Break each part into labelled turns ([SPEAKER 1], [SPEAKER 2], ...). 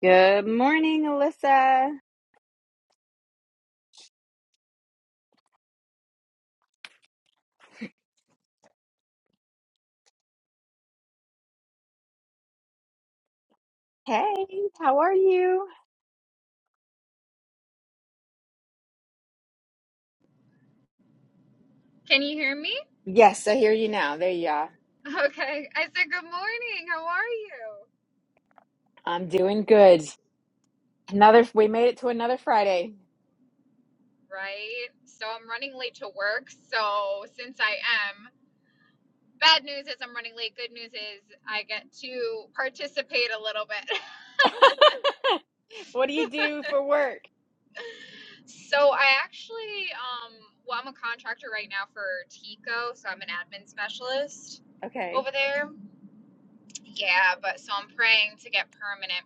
[SPEAKER 1] Good morning, Alyssa. Hey, how are you?
[SPEAKER 2] Can you hear me?
[SPEAKER 1] Yes, I hear
[SPEAKER 2] Yes.
[SPEAKER 1] you now. There you are.
[SPEAKER 2] Okay. I said, Good morning. How are you?
[SPEAKER 1] I'm doing good. Another, we made it to another Friday.
[SPEAKER 2] Right. So I'm running late to work. So since I am, bad news is I'm running late. Good news is I get to participate a little bit.
[SPEAKER 1] What do you do for work?
[SPEAKER 2] so I actually, um, well, I'm a contractor right now for Tico. So I'm an admin specialist
[SPEAKER 1] Okay,
[SPEAKER 2] over there. Yeah. But so I'm praying to get permanent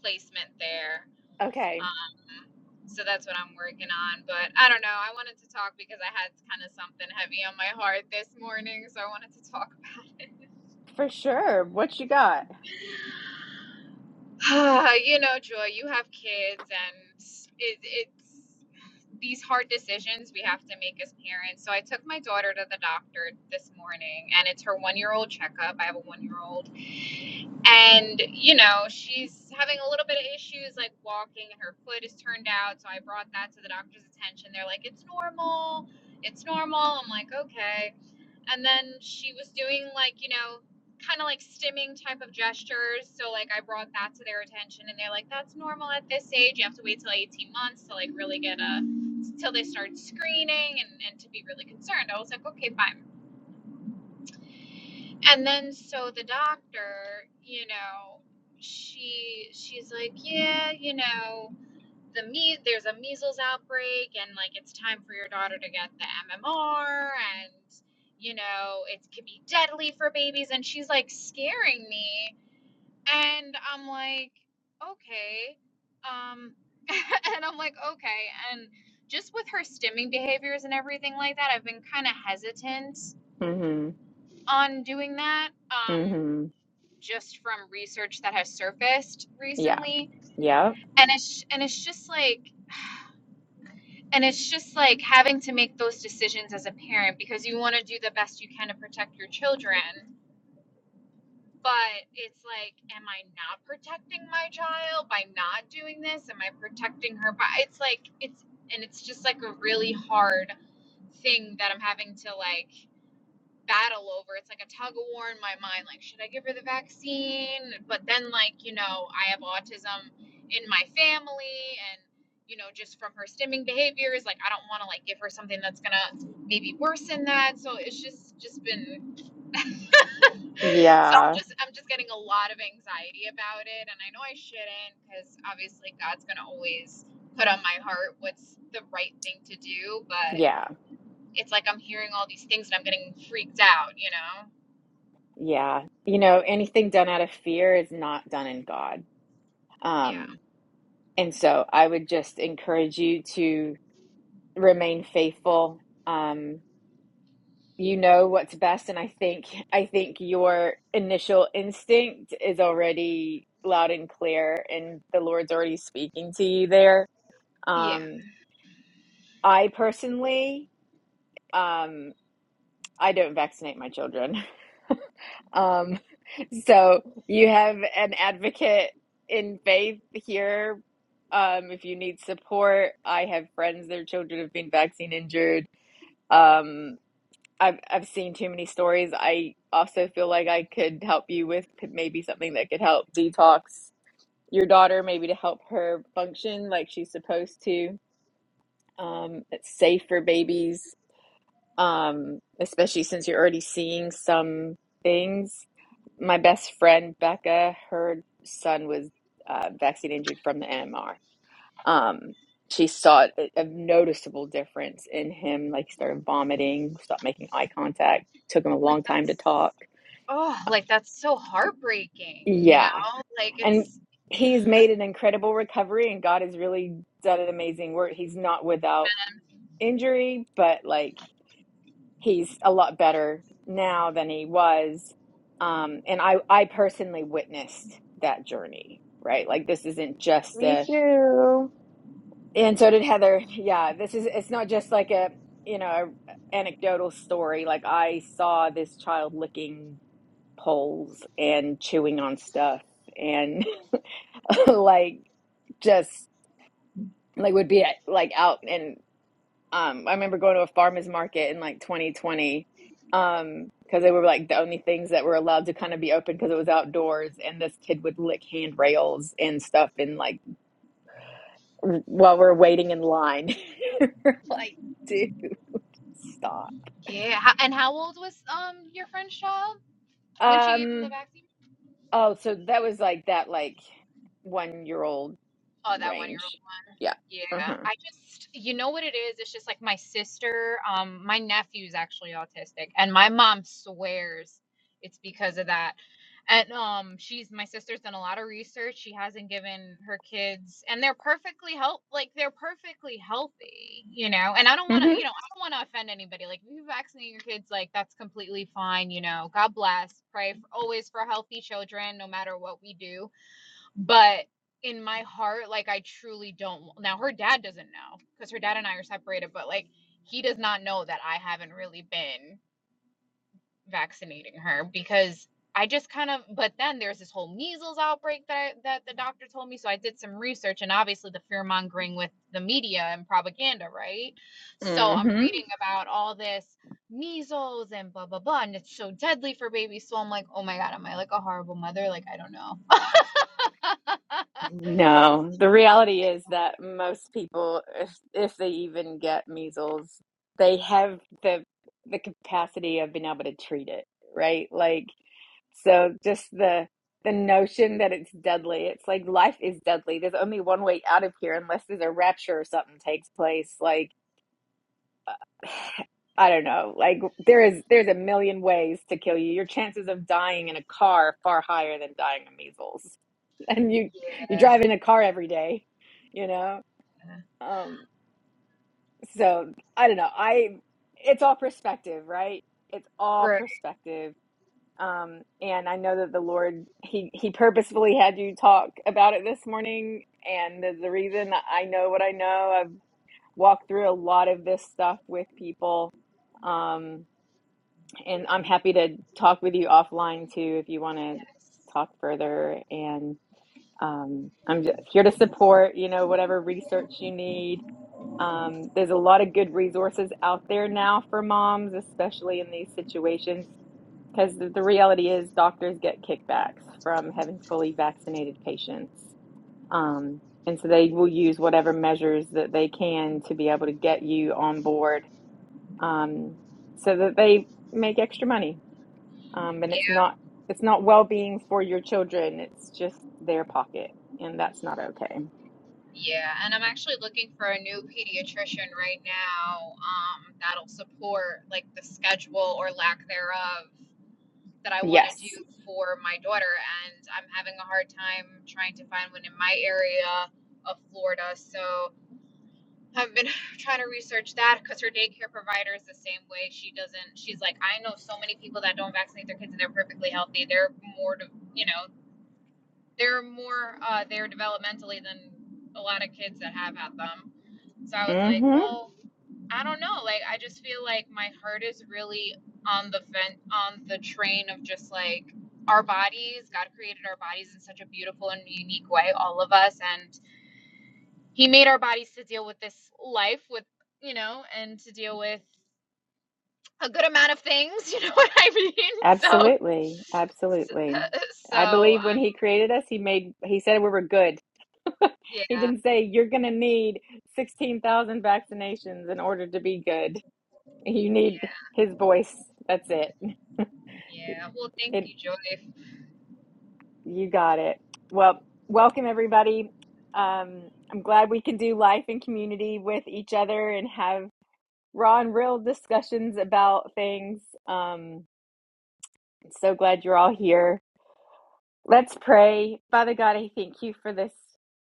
[SPEAKER 2] placement there.
[SPEAKER 1] okay,
[SPEAKER 2] Um, so that's what I'm working on. But I don't know. I wanted to talk because I had kind of something heavy on my heart this morning. So I wanted to talk.
[SPEAKER 1] for sure. What you got?
[SPEAKER 2] about you know, Joy, you have kids, and it, it's these hard decisions we have to make as parents. So I took my daughter to the doctor this morning, and it's her one year old checkup. I have a one year old and you know she's having a little bit of issues like walking and her foot is turned out so i brought that to the doctor's attention they're like it's normal it's normal i'm like okay and then she was doing like you know kind of like stimming type of gestures so like i brought that to their attention and they're like that's normal at this age you have to wait till 18 months to like really get a till they start screening and, and to be really concerned i was like okay fine and then so the doctor you know she she's like yeah you know the me there's a measles outbreak and like it's time for your daughter to get the mmr and you know it could be deadly for babies and she's like scaring me and i'm like okay um and i'm like okay and just with her stimming behaviors and everything like that i've been kind of hesitant
[SPEAKER 1] hmm
[SPEAKER 2] on doing that um
[SPEAKER 1] hmm
[SPEAKER 2] just from research that has surfaced
[SPEAKER 1] Yeah,
[SPEAKER 2] recently
[SPEAKER 1] yeah,
[SPEAKER 2] and it's and it's just like and it's just like having to make those decisions as a parent because you want to do the best you can to protect your children but it's like am i not protecting my child by not doing this am i protecting her by it's like it's and it's just like a really hard thing that i'm having to like battle over. It's like a tug of war in my mind. Like, should I give her the vaccine? But then, like, you know, I have autism in my family, and you know, just from her stimming behaviors, like, I don't want to like give her something that's gonna maybe worsen that. So it's just just been. So I'm
[SPEAKER 1] yeah,
[SPEAKER 2] just I'm just getting a lot of anxiety about it, and I know I shouldn't because obviously God's gonna always put on my heart what's the right thing to do, but.
[SPEAKER 1] yeah,
[SPEAKER 2] It's like I'm hearing all these things and I'm getting freaked out, you know?
[SPEAKER 1] yeah. You know, anything done out of fear is not done in God.
[SPEAKER 2] Yeah.
[SPEAKER 1] Um, and so I would just encourage you to. remain faithful. Um, you know what's best, and I think I think your initial instinct is already loud and clear, and the Lord's already speaking to you there.
[SPEAKER 2] Yeah,
[SPEAKER 1] Um, I personally, um, I don't vaccinate my children. Um, so you have an advocate in faith here. Um, if you need support, I have friends, their children have been vaccine injured. Um, I've I've seen too many stories. I also feel like I could help you with maybe something that could help detox your daughter, maybe to help her function like she's supposed to. Um, it's safe for babies, um, especially since you're already seeing some things. My best friend Becca, her son was uh, vaccine injured from the MMR um she saw a, a noticeable difference in him like he started vomiting stopped making eye contact took him a
[SPEAKER 2] like
[SPEAKER 1] long time to
[SPEAKER 2] that's
[SPEAKER 1] talk
[SPEAKER 2] oh, like that's so heartbreaking, you know?
[SPEAKER 1] yeah
[SPEAKER 2] Like
[SPEAKER 1] and
[SPEAKER 2] it's
[SPEAKER 1] he's made an incredible recovery and god has really done an amazing work he's not without injury but like he's a lot better now than he was um and i i personally witnessed that journey right like this isn't just
[SPEAKER 3] Me
[SPEAKER 1] a
[SPEAKER 3] too.
[SPEAKER 1] And so did Heather. Yeah, this is it's not just like a, you know, a anecdotal story. Like I saw this child licking poles and chewing on stuff and like just like would be at, like out and um I remember going to a farmers market in like 2020 um because they were like the only things that were allowed to kind of be open because it was outdoors and this kid would lick handrails and stuff and like while we're waiting in line. We're like, dude, stop.
[SPEAKER 2] yeah. How, and how old was um your friend's child when she gave him the
[SPEAKER 1] Um,
[SPEAKER 2] vaccine?
[SPEAKER 1] oh, so that was like that, like one year old
[SPEAKER 2] Oh, that one year old
[SPEAKER 1] range.
[SPEAKER 2] one.
[SPEAKER 1] Yeah.
[SPEAKER 2] Yeah.
[SPEAKER 1] Uh-huh.
[SPEAKER 2] I just, you know what it is? It's just like my sister, um, my nephew's actually autistic, and my mom swears it's because of that. And um, she's my sister's done a lot of research. She hasn't given her kids, and they're perfectly health, like they're perfectly healthy, you know. And I don't want to, you
[SPEAKER 1] Mm-hmm.
[SPEAKER 2] know, I don't want to offend anybody. Like if you vaccinate your kids, like that's completely fine, you know. God bless. Pray for, always for healthy children, no matter what we do but in my heart like i truly don't now her dad doesn't know because her dad and i are separated but like he does not know that i haven't really been vaccinating her because i just kind of but then there's this whole measles outbreak that I, that the doctor told me so i did some research and obviously the fear mongering with the media and propaganda right so i'm
[SPEAKER 1] Mm-hmm.
[SPEAKER 2] reading about all this measles and blah blah blah and it's so deadly for babies so i'm like oh my god am i like a horrible mother like i don't know
[SPEAKER 1] No, the
[SPEAKER 2] Oh
[SPEAKER 1] reality
[SPEAKER 2] my,
[SPEAKER 1] is that most people, if if they even get measles, they have the the capacity of being able to treat it, right? Like, so just the the notion that it's deadly, it's like life is deadly. There's only one way out of here unless there's a rapture or something takes place. Like, uh, I don't know. Like there is there's a million ways to kill you. Your chances of dying in a car are far higher than dying of measles and you you
[SPEAKER 2] yeah,
[SPEAKER 1] drive in a car every day you know um so i don't know i it's all perspective right it's all
[SPEAKER 2] right.
[SPEAKER 1] perspective um and i know that the lord he he purposefully had you talk about it this morning and the, the reason i know what i know i've walked through a lot of this stuff with people um and i'm happy to talk with you offline too if you want to
[SPEAKER 2] Yes.
[SPEAKER 1] talk further and. um, I'm just here to support, you know, whatever research you need. Um, there's a lot of good resources out there now for moms, especially in these situations, because the, the reality is doctors get kickbacks from having fully vaccinated patients. Um, and so they will use whatever measures that they can to be able to get you on board um, so that they make extra money. Um, and
[SPEAKER 2] Yeah,
[SPEAKER 1] it's not it's not well-being for your children. It's just their pocket, and that's not okay.
[SPEAKER 2] yeah. And I'm actually looking for a new pediatrician right now, um, that'll support like the schedule or lack thereof that I want to
[SPEAKER 1] Yes.
[SPEAKER 2] do for my daughter. And I'm having a hard time trying to find one in my area of Florida. So I've been trying to research that because her daycare provider is the same way. She doesn't. She's like, I know so many people that don't vaccinate their kids, and they're perfectly healthy. They're more, de- you know, they're more, uh, they're developmentally than a lot of kids that have had them. So I was like,
[SPEAKER 1] Mm-hmm.
[SPEAKER 2] well, I don't know. Like, I just feel like my heart is really on the vent, on the train of just like our bodies. God created our bodies in such a beautiful and unique way, all of us, and he made our bodies to deal with this life with you know and to deal with a good amount of things you know what i mean so
[SPEAKER 1] Absolutely.
[SPEAKER 2] so,
[SPEAKER 1] Absolutely. I
[SPEAKER 2] so
[SPEAKER 1] believe when
[SPEAKER 2] um,
[SPEAKER 1] he created us, he made he said we were good.
[SPEAKER 2] yeah
[SPEAKER 1] He didn't say you're going to need 16,000 vaccinations in order to be good. You need
[SPEAKER 2] yeah
[SPEAKER 1] his voice. That's it.
[SPEAKER 2] yeah well thank
[SPEAKER 1] It,
[SPEAKER 2] you joy
[SPEAKER 1] you got it. Well, welcome everybody. Um, I'm glad we can do life in community with each other and have raw and real discussions about things. Um, so glad you're all here. Let's pray. Father God, I thank you for this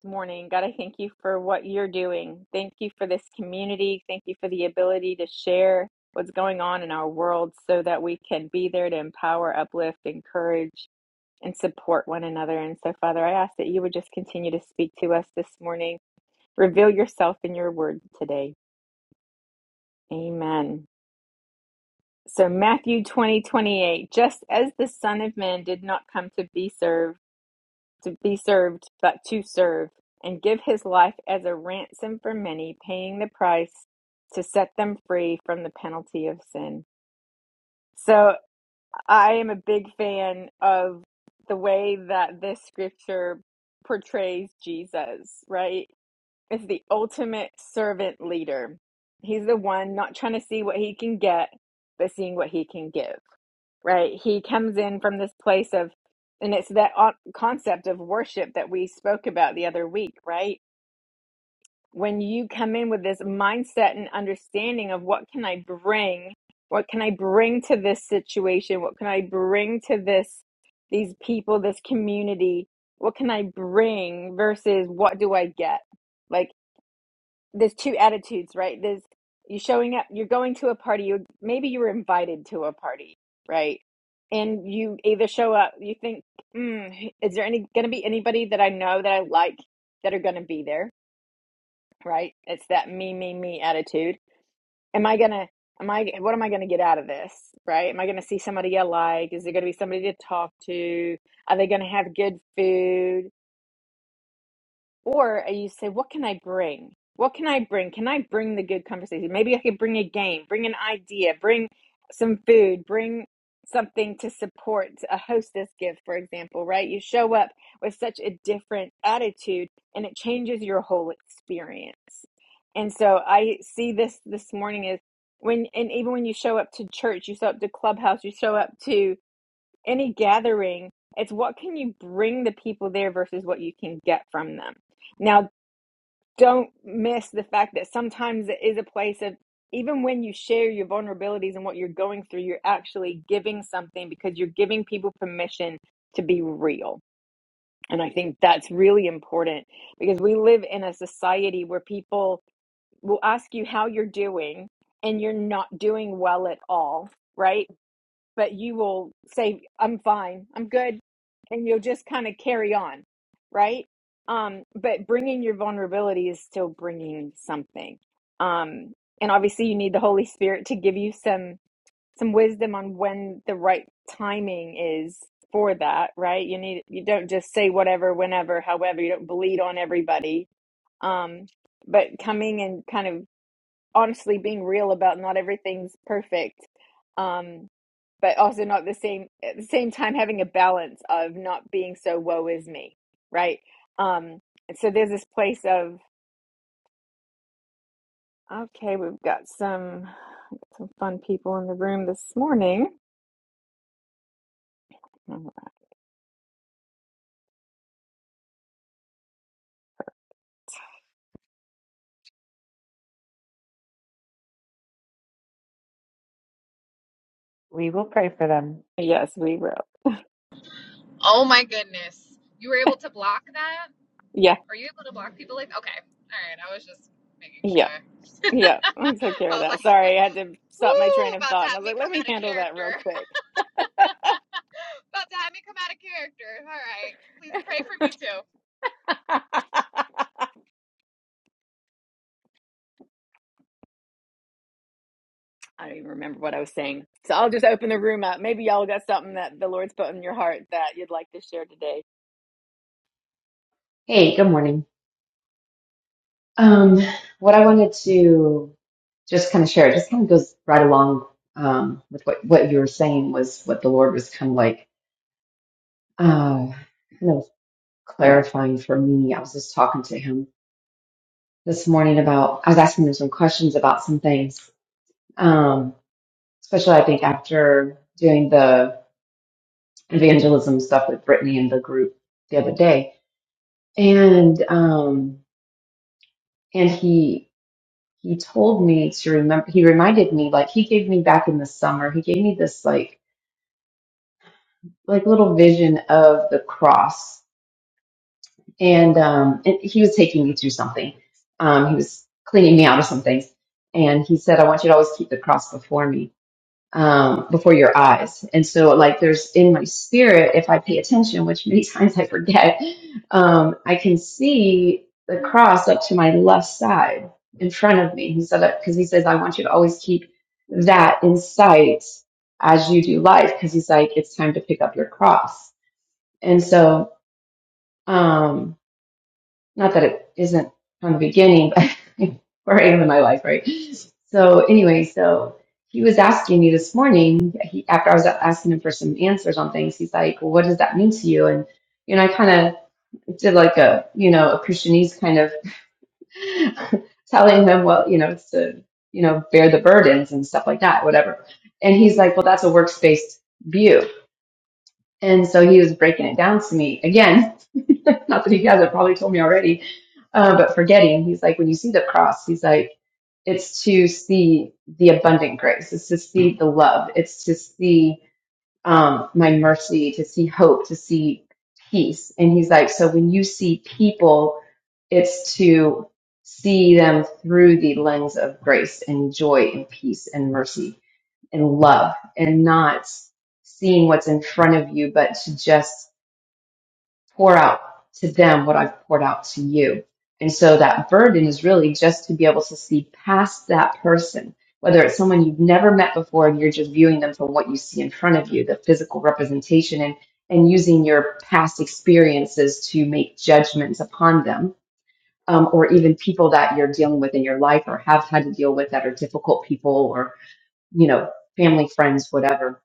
[SPEAKER 1] morning. God, I thank you for what you're doing. Thank you for this community. Thank you for the ability to share what's going on in our world so that we can be there to empower, uplift, encourage, and support one another. And so, Father, I ask that you would just continue to speak to us this morning. Reveal yourself in your word today. Amen. So Matthew 20 28. just as the Son of Man did not come to be served, to be served, but to serve, and give his life as a ransom for many, paying the price to set them free from the penalty of sin. So I am a big fan of the way that this scripture portrays Jesus, right? It's the ultimate servant leader. He's the one not trying to see what he can get, but seeing what he can give right? He comes in from this place of, and it's that o- concept of worship that we spoke about the other week, right? When you come in with this mindset and understanding of what can I bring? What can I bring to this situation? What can I bring to this, these people, this community? What can I bring versus what do I get? Like there's two attitudes, right? There's you showing up, you're going to a party, you maybe you were invited to a party, right? And you either show up, you think, mm, is there any going to be anybody that I know that I like that are going to be there, right? It's that me, me, me attitude. Am I gonna? Am I? What am I going to get out of this, right? Am I going to see somebody I like? Is there going to be somebody to talk to? Are they going to have good food? Or uh, you say, what can I bring? What can I bring? Can I bring the good conversation? Maybe I could bring a game, bring an idea, bring some food, bring something to support a hostess gift, for example, right? You show up with such a different attitude and it changes your whole experience. And so I see this this morning is when, and even when you show up to church, you show up to clubhouse, you show up to any gathering, it's what can you bring the people there versus what you can get from them. Now, don't miss the fact that sometimes it is a place of even when you share your vulnerabilities and what you're going through, you're actually giving something because you're giving people permission to be real. And I think that's really important because we live in a society where people will ask you how you're doing and you're not doing well at all, right? but you will say, I'm fine, I'm good. And you'll just kind of carry on, right? Um, but bringing your vulnerability is still bringing something. Um, and obviously, you need the Holy Spirit to give you some some wisdom on when the right timing is for that, right? You need you don't just say whatever, whenever, however. You don't bleed on everybody. Um, but coming and kind of honestly being real about not everything's perfect um but also not the same at the same time having a balance of not being so woe is me right um and so there's this place of okay we've got some some fun people in the room this morning
[SPEAKER 3] We will pray for them.
[SPEAKER 1] yes we will
[SPEAKER 2] oh my goodness you were able to block that
[SPEAKER 1] yeah
[SPEAKER 2] are you able to block people like okay all right i was just making sure
[SPEAKER 1] yeah yeah i took care
[SPEAKER 2] i
[SPEAKER 1] of
[SPEAKER 2] was
[SPEAKER 1] that
[SPEAKER 2] like
[SPEAKER 1] sorry i had to stop my
[SPEAKER 2] Woo!
[SPEAKER 1] train of
[SPEAKER 2] About to
[SPEAKER 1] thought and i
[SPEAKER 2] have
[SPEAKER 1] was
[SPEAKER 2] me
[SPEAKER 1] like let
[SPEAKER 2] come
[SPEAKER 1] me
[SPEAKER 2] out of
[SPEAKER 1] handle that real
[SPEAKER 2] character.
[SPEAKER 1] quick
[SPEAKER 2] About to have me come out of character. All right. Please pray for me too.
[SPEAKER 1] I don't even remember what I was saying. So I'll just open the room up. Maybe y'all got something that the Lord's put in your heart that you'd like to share today.
[SPEAKER 4] Hey, good morning. Um, what I wanted to just kind of share, it just kind of goes right along um, with what, what you were saying was what the Lord was kind of like, uh, kind of clarifying for me. I was just talking to him this morning about, I was asking him some questions about some things, um, especially I think after doing the evangelism stuff with Brittany and the group the other day. And um, and he he told me to remember he reminded me like he gave me back in the summer he gave me this like like little vision of the cross and um and he was taking me through something um he was cleaning me out of some things and he said i want you to always keep the cross before me um, before your eyes. And so, like, there's in my spirit, if I pay attention, which many times I forget, um, I can see the cross up to my left side in front of me. He said, because he says, I want you to always keep that in sight as you do life, because he's like, it's time to pick up your cross. And so, um, not that it isn't from the beginning, but where I am in my life, right? So anyway, so he was asking me this morning, he, after I was asking him for some answers on things, he's like, well, what does that mean to you? And, you know, I kind of did like a, you know, a Christianese kind of telling him, well, you know, it's to, you know, bear the burdens and stuff like that, whatever. And he's like, well, that's a works-based view. And so he was breaking it down to me again Not that he hasn't probably told me already, uh, but forgetting, he's like, when you see the cross, he's like, it's to see the abundant grace. It's to see the love. It's to see um, my mercy, to see hope, to see peace. And he's like, so when you see people, it's to see them through the lens of grace and joy and peace and mercy and love and not seeing what's in front of you, but to just pour out to them what I've poured out to you. And so that burden is really just to be able to see past that person, whether it's someone you've never met before and you're just viewing them from what you see in front of you, the physical representation, and, and using your past experiences to make judgments upon them, um, or even people that you're dealing with in your life or have had to deal with that are difficult people or, you know, family, friends, whatever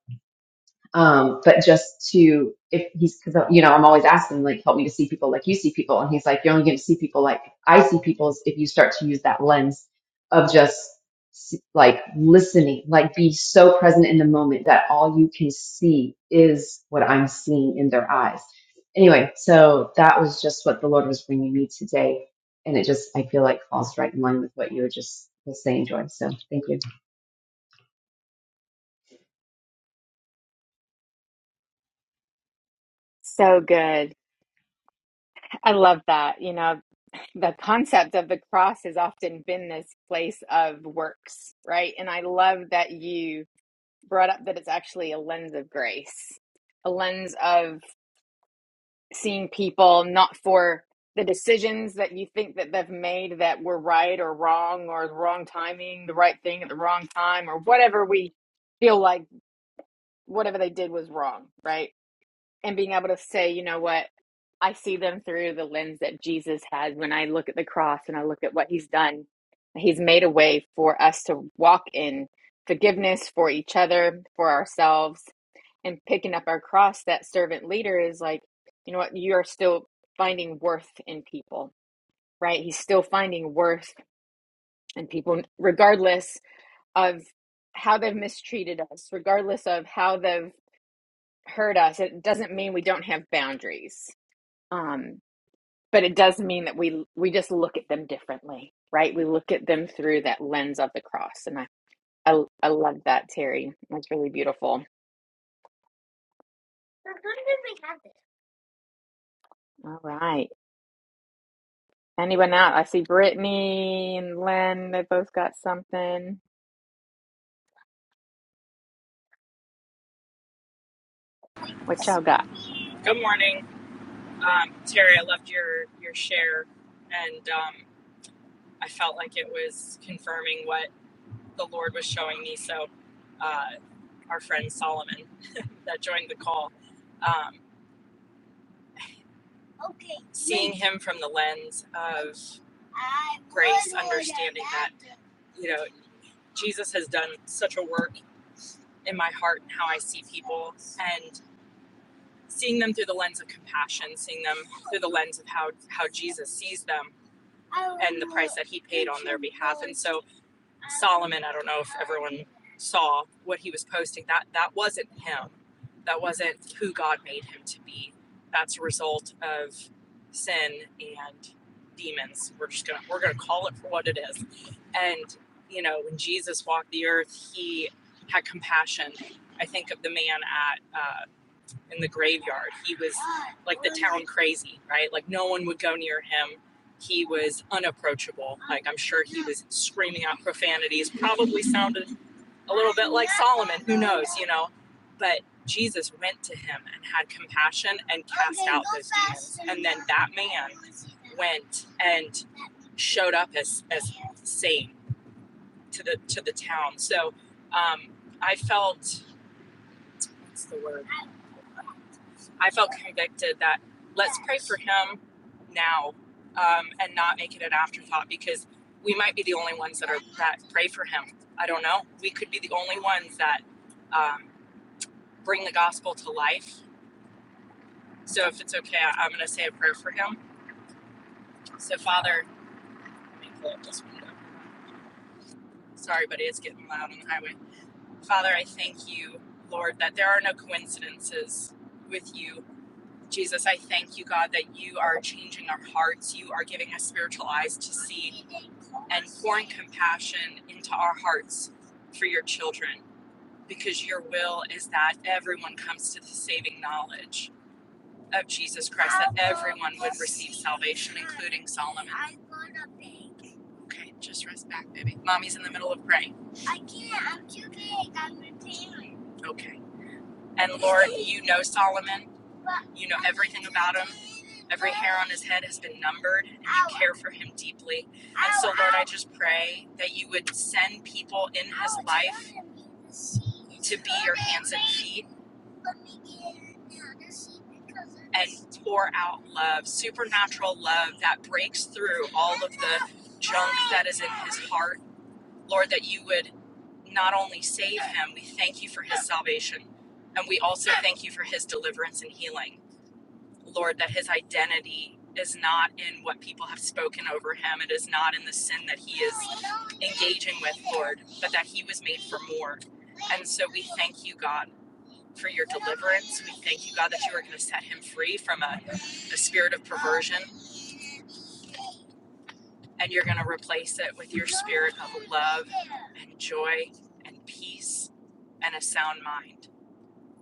[SPEAKER 4] um, but just to, if he's, cause, you know, I'm always asking, like, help me to see people like you see people. And he's like, you're only going to see people like I see people if you start to use that lens of just s- like listening, like be so present in the moment that all you can see is what I'm seeing in their eyes. Anyway, so that was just what the Lord was bringing me today. And it just, I feel like falls right in line with what you were just was saying, Joy. So thank you.
[SPEAKER 1] So good. I love that. You know, the concept of the cross has often been this place of works, right? And I love that you brought up that it's actually a lens of grace, a lens of seeing people not for the decisions that you think that they've made that were right or wrong or the wrong timing, the right thing at the wrong time or whatever we feel like whatever they did was wrong, right? And being able to say, you know what, I see them through the lens that Jesus had when I look at the cross and I look at what he's done. He's made a way for us to walk in forgiveness for each other, for ourselves, and picking up our cross. That servant leader is like, you know what, you are still finding worth in people, right? He's still finding worth in people, regardless of how they've mistreated us, regardless of how they've hurt us it doesn't mean we don't have boundaries um but it does mean that we we just look at them differently right we look at them through that lens of the cross and i i, I love that terry that's really beautiful all right anyone out i see brittany and len they both got something what y'all got
[SPEAKER 5] Good morning, um, Terry. I loved your your share, and um, I felt like it was confirming what the Lord was showing me. So, uh, our friend Solomon that joined the call, um, okay, seeing him from the lens of grace, understanding that you know Jesus has done such a work in my heart and how I see people, and seeing them through the lens of compassion, seeing them through the lens of how how Jesus sees them and the price that he paid on their behalf. And so Solomon, I don't know if everyone saw what he was posting. That that wasn't him. That wasn't who God made him to be. That's a result of sin and demons. We're just gonna we're gonna call it for what it is. And you know, when Jesus walked the earth, he had compassion. I think of the man at uh, in the graveyard. He was like the town crazy, right? Like no one would go near him. He was unapproachable. Like I'm sure he was screaming out profanities, probably sounded a little bit like Solomon, who knows, you know. But Jesus went to him and had compassion and cast out those demons. And then that man went and showed up as as sane to the to the town. So um, I felt what's the word? I felt convicted that let's pray for him now um, and not make it an afterthought because we might be the only ones that are that pray for him. I don't know. We could be the only ones that um, bring the gospel to life. So if it's okay, I- am going to say a prayer for him. So Father, let me pull up this window. Sorry, buddy, it's getting loud on the highway. Father, I thank you, Lord, that there are no coincidences with you Jesus, I thank you, God, that you are changing our hearts. You are giving us spiritual eyes to see and pouring compassion into our hearts for your children, because your will is that everyone comes to the saving knowledge of Jesus Christ, that everyone would receive salvation, including Solomon. Okay, just rest back, baby. Mommy's in the middle of praying. I I'm I'm can't. too big. I'm repairing. Okay. And Lord, you know Solomon. You know everything about him. Every hair on his head has been numbered, and you care for him deeply. And so, Lord, I just pray that you would send people in his life to be your hands and feet and pour out love, supernatural love that breaks through all of the junk that is in his heart Lord, that you would not only save him, we thank you for his salvation. And we also thank you for his deliverance and healing. Lord, that his identity is not in what people have spoken over him, it is not in the sin that he is engaging with, Lord, but that he was made for more. And so we thank you, God, for your deliverance. We thank you, God, that you are going to set him free from a, a spirit of perversion. and you're going to replace it with your spirit of love and joy and peace and a sound mind.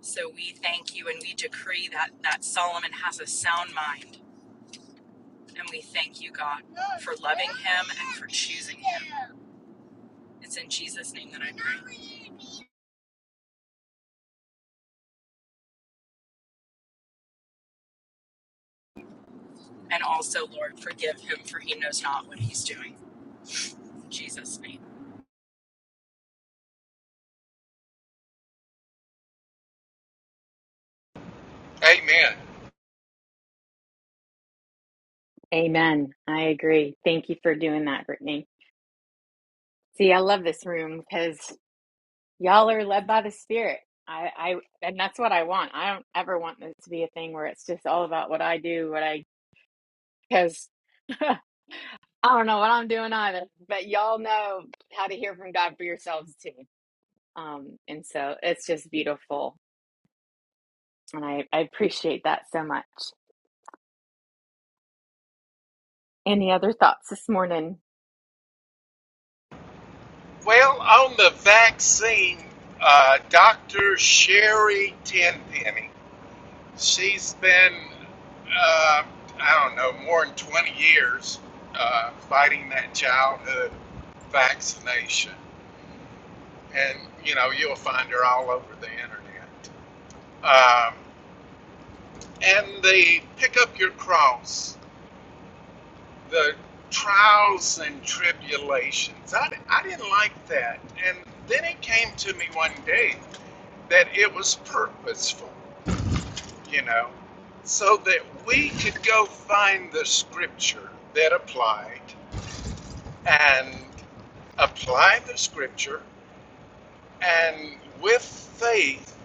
[SPEAKER 5] So we thank you and we decree that that Solomon has a sound mind and we thank you God for loving him and for choosing him. It's in Jesus name that I pray. And also Lord forgive him for he knows not what he's doing. In Jesus name.
[SPEAKER 6] Amen.
[SPEAKER 1] amen i agree thank you for doing that brittany see i love this room because Y'all are led by the Spirit. I, I, and that's what I want. I don't ever want this to be a thing where it's just all about what I do, what I, because I don't know what I'm doing either. But y'all know how to hear from God for yourselves too. Um, and so it's just beautiful, and I, I appreciate that so much. Any other thoughts this morning?
[SPEAKER 6] Well, on the vaccine, uh, Dr. Sherry Tenpenny, she's been, uh, I don't know, more than 20 years uh, fighting that childhood vaccination. And, you know, you'll find her all over the internet. Um, and the pick up your cross, the trials and tribulations. I, I didn't like that. And then it came to me one day that it was purposeful, you know, so that we could go find the scripture that applied and apply the scripture and with faith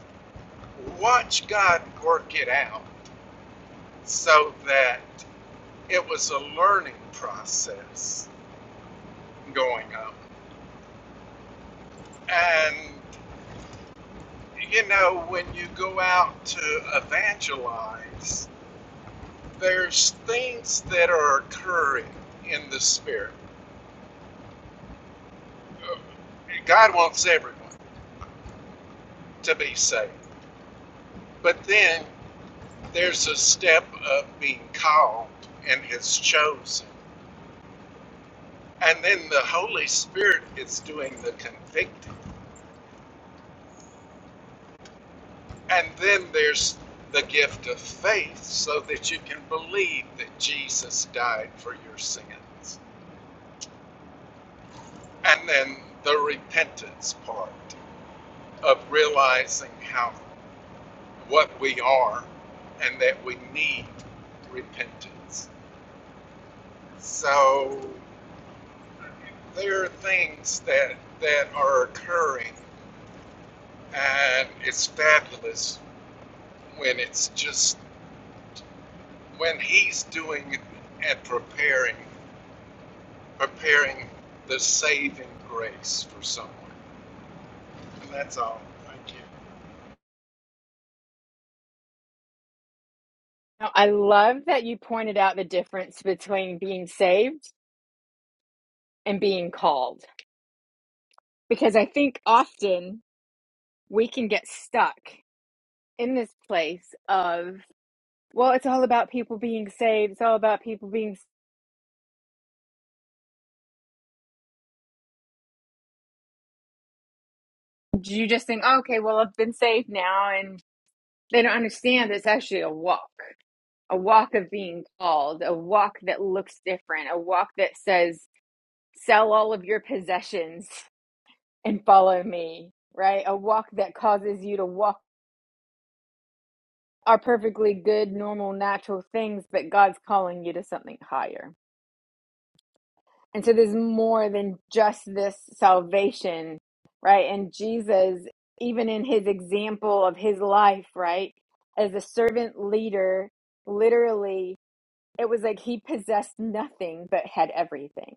[SPEAKER 6] watch God work it out so that it was a learning process going on. And, you know, when you go out to evangelize, there's things that are occurring in the spirit. Uh, God wants everyone to be saved, but then there's a step of being called and is chosen, and then the Holy Spirit is doing the convicting, and then there's the gift of faith so that you can believe that Jesus died for your sins, and then the repentance part of realizing how what we are and that we need repentance. So there are things that that are occurring and it's fabulous when it's just when he's doing and preparing preparing the saving grace for someone. And that's all. Thank you.
[SPEAKER 1] Now, I love that you pointed out the difference between being saved and being called, because I think often we can get stuck in this place of well it's all about people being saved it's all about people being you just think oh, okay well i've been saved now and they don't understand it's actually a walk a walk of being called a walk that looks different a walk that says sell all of your possessions and follow me right a walk that causes you to walk are perfectly good normal natural things but god's calling you to something higher And so there's more than just this salvation, right? And Jesus, even in his example of his life, right, as a servant leader, literally, it was like he possessed nothing but had everything,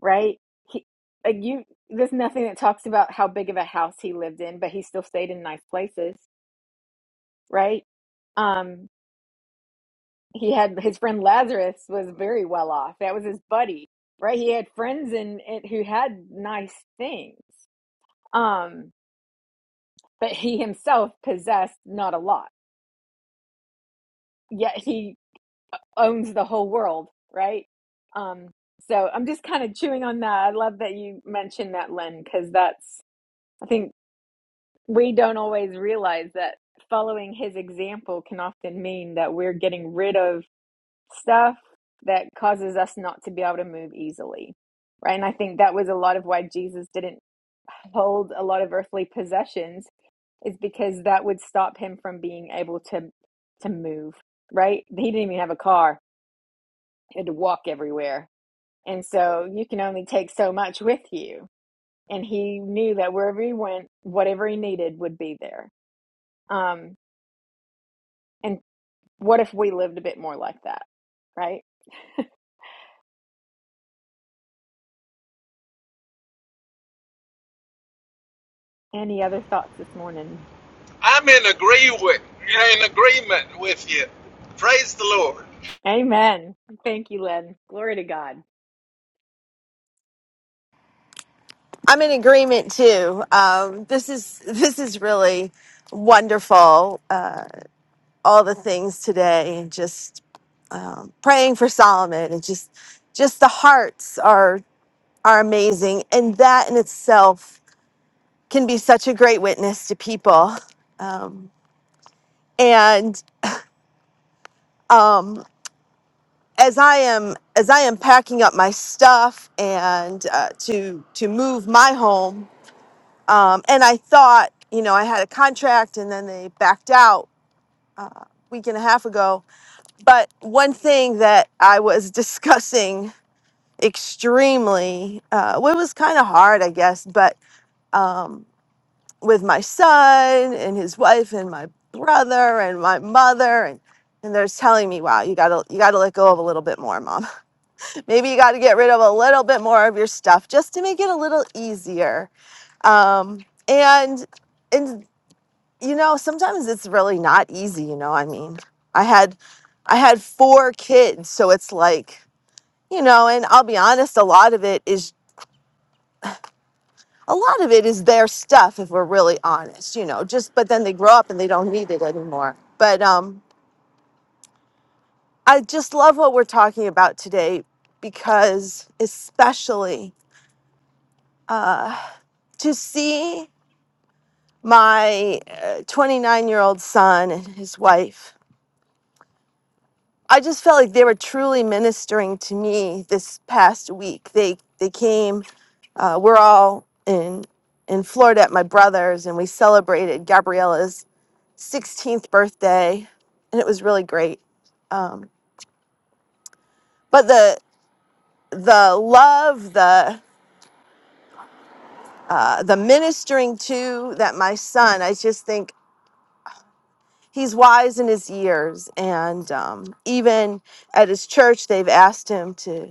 [SPEAKER 1] right? He, like you, there's nothing that talks about how big of a house he lived in, but he still stayed in nice places, right? Um, he had his friend Lazarus was very well off. That was his buddy, right? He had friends and who had nice things. Um, but he himself possessed not a lot. Yet he owns the whole world, right? Um, so I'm just kind of chewing on that. I love that you mentioned that, Lynn, because that's I think we don't always realize that following his example can often mean that we're getting rid of stuff that causes us not to be able to move easily. Right. And I think that was a lot of why Jesus didn't hold a lot of earthly possessions is because that would stop him from being able to to move. Right. He didn't even have a car. He had to walk everywhere. And so you can only take so much with you. And he knew that wherever he went, whatever he needed would be there. Um, and what if we lived a bit more like that? Right. Any other thoughts this morning?
[SPEAKER 6] I'm in agree with in agreement with you. Praise the Lord.
[SPEAKER 1] Amen. Thank you, Lynn. Glory to God.
[SPEAKER 7] I'm in agreement too. Um, this is this is really wonderful. Uh, all the things today, and just praying for Solomon, and just just the hearts are are amazing, and that in itself can be such a great witness to people. Um, and um, as I am as I am packing up my stuff and uh, to to move my home, um, and I thought, you know, I had a contract, and then they backed out week and a half ago. But one thing that I was discussing extremely, uh, well, it was kind of hard, I guess, but um, with my son and his wife and my brother and my mother and and they're telling me, "Wow, you gotta you gotta let go of a little bit more, mom. Maybe you gotta get rid of a little bit more of your stuff just to make it a little easier." Um, and and you know sometimes it's really not easy you know i mean i had i had four kids so it's like you know and i'll be honest a lot of it is a lot of it is their stuff if we're really honest you know just but then they grow up and they don't need it anymore but um i just love what we're talking about today because especially uh to see my 29 year old son and his wife I just felt like they were truly ministering to me this past week. They they came. Uh, we're all in in Florida at my brother's, and we celebrated Gabriella's 16th birthday, and it was really great. Um, but the the love, the uh, the ministering to that my son, I just think he's wise in his years, and um, even at his church, they've asked him to.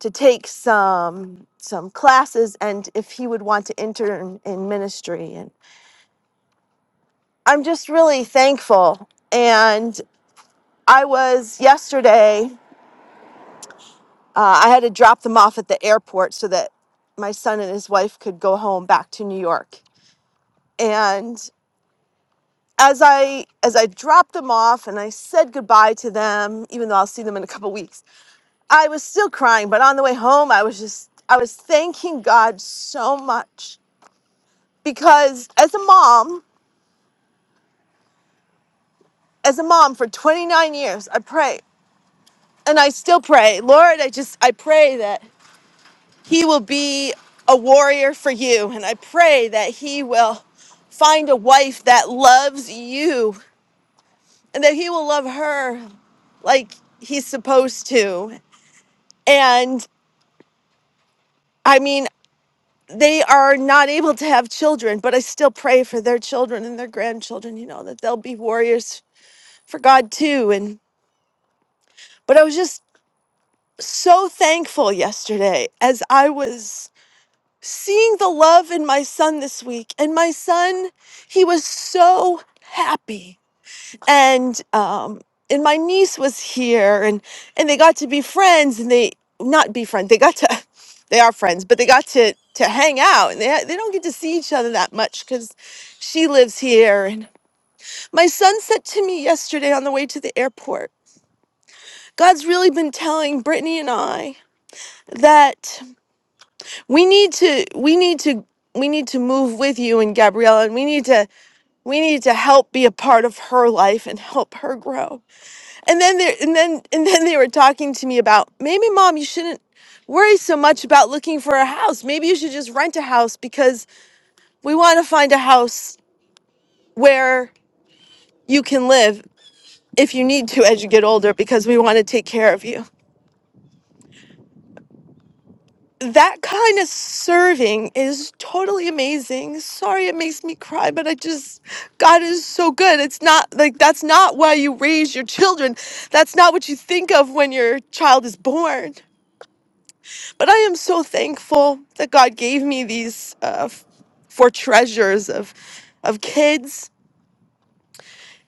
[SPEAKER 7] to take some some classes and if he would want to intern in ministry and i'm just really thankful and i was yesterday uh, i had to drop them off at the airport so that my son and his wife could go home back to new york and as i as i dropped them off and i said goodbye to them even though i'll see them in a couple weeks i was still crying but on the way home i was just i was thanking god so much because as a mom as a mom for 29 years i pray and i still pray lord i just i pray that he will be a warrior for you and i pray that he will find a wife that loves you and that he will love her like he's supposed to and i mean they are not able to have children but i still pray for their children and their grandchildren you know that they'll be warriors for god too and but i was just so thankful yesterday as I was seeing the love in my son this week. And my son, he was so happy. And um, and my niece was here, and and they got to be friends, and they not be friends. They got to, they are friends, but they got to to hang out, and they they don't get to see each other that much because she lives here. And my son said to me yesterday on the way to the airport, God's really been telling Brittany and I that. we need to we need to we need to move with you and Gabriella and we need to we need to help be a part of her life and help her grow. And then they and then and then they were talking to me about maybe mom you shouldn't worry so much about looking for a house. Maybe you should just rent a house because we want to find a house where you can live if you need to as you get older because we want to take care of you. that kind of serving is totally amazing. Sorry it makes me cry, but I just, God is so good. It's not like that's not why you raise your children. That's not what you think of when your child is born. But I am so thankful that God gave me these uh, f- four treasures of, of kids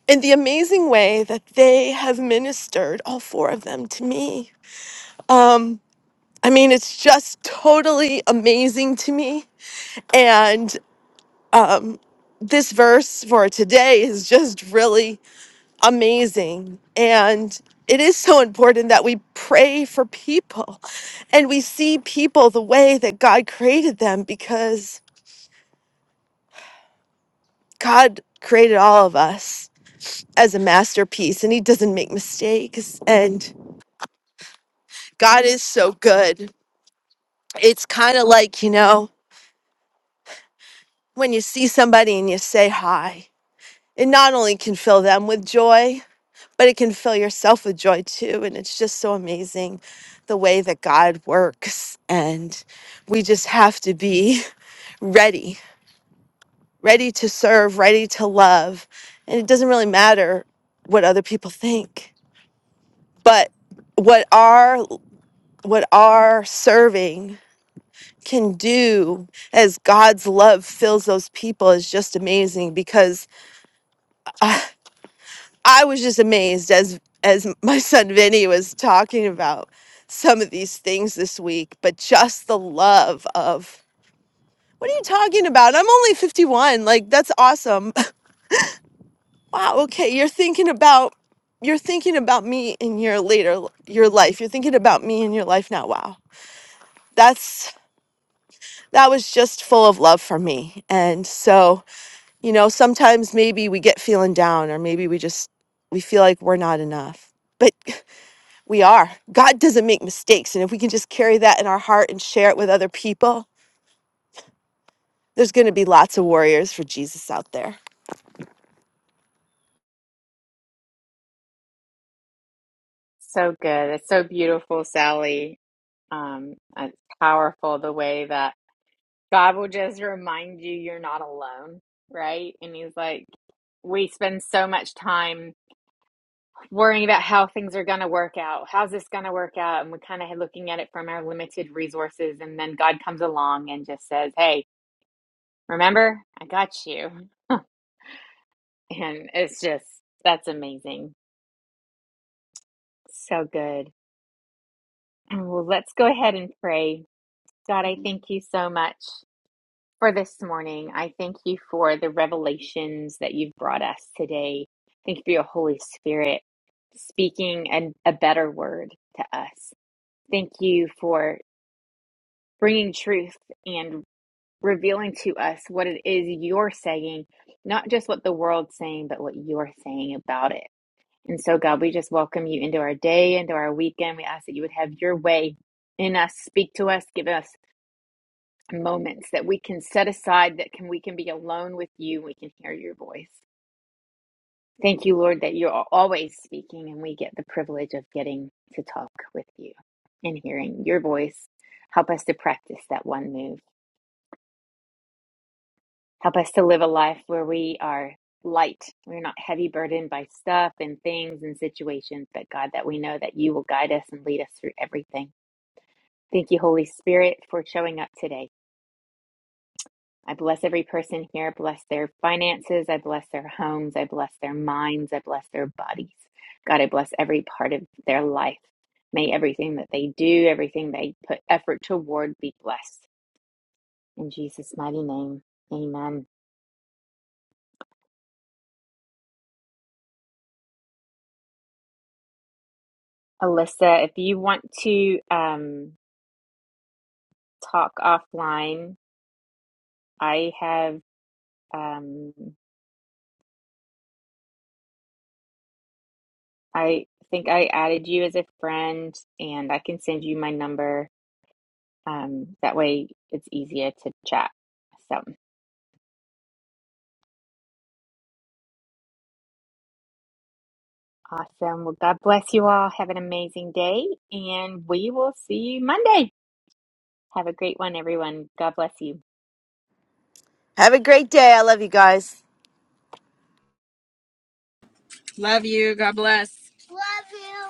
[SPEAKER 7] and the amazing way that they have ministered, all four of them, to me. Um, I mean, it's just totally amazing to me. And um, this verse for today is just really amazing. And it is so important that we pray for people and we see people the way that God created them because God created all of us as a masterpiece and He doesn't make mistakes. And God is so good. It's kind of like, you know, when you see somebody and you say hi, it not only can fill them with joy, but it can fill yourself with joy too. And it's just so amazing the way that God works. And we just have to be ready, ready to serve, ready to love. And it doesn't really matter what other people think, but what our what our serving can do as God's love fills those people is just amazing because uh, I was just amazed as as my son Vinny was talking about some of these things this week, but just the love of what are you talking about? I'm only 51. Like that's awesome. Wow, okay, you're thinking about you're thinking about me in your later your life. You're thinking about me in your life now. Wow. That's that was just full of love for me. And so, you know, sometimes maybe we get feeling down or maybe we just we feel like we're not enough. But We are. God doesn't make mistakes. And if we can just carry that in our heart and share it with other people, there's going to be lots of warriors for Jesus out there.
[SPEAKER 1] So good. It's so beautiful, Sally. Um, it's powerful the way that God will just remind you you're not alone, right? And He's like, we spend so much time worrying about how things are going to work out. How's this going to work out? And we're kind of looking at it from our limited resources. And then God comes along and just says, Hey, remember, I got you. And it's just, that's amazing. So good. And well, let's go ahead and pray. God, I thank you so much for this morning. I thank you for the revelations that you've brought us today. Thank you for your Holy Spirit speaking an, a better word to us. Thank you for bringing truth and revealing to us what it is you're saying, not just what the world's saying, but what you're saying about it. And so, God, we just welcome you into our day, into our weekend. We ask that you would have your way in us, speak to us, give us moments that we can set aside, that can we can be alone with you, we can hear your voice. Thank you, Lord, that you're always speaking, and we get the privilege of getting to talk with you and hearing your voice. Help us to practice that one move. Help us to live a life where we are light. We're not heavy burdened by stuff and things and situations, but God, that we know that you will guide us and lead us through everything. Thank you, Holy Spirit, for showing up today. I bless every person here. Bless their finances. I bless their homes. I bless their minds. I bless their bodies. God, I bless every part of their life. May everything that they do, everything they put effort toward, be blessed. In Jesus' mighty name, amen. Alyssa, if you want to um, talk offline, I have, um, I think I added you as a friend and I can send you my number Um, that way it's easier to chat. So awesome. Well, God bless you all. Have an amazing day, and we will see you Monday. Have a great one, everyone. God bless you.
[SPEAKER 7] Have a great day. I love you guys.
[SPEAKER 5] Love you. God bless. Love you.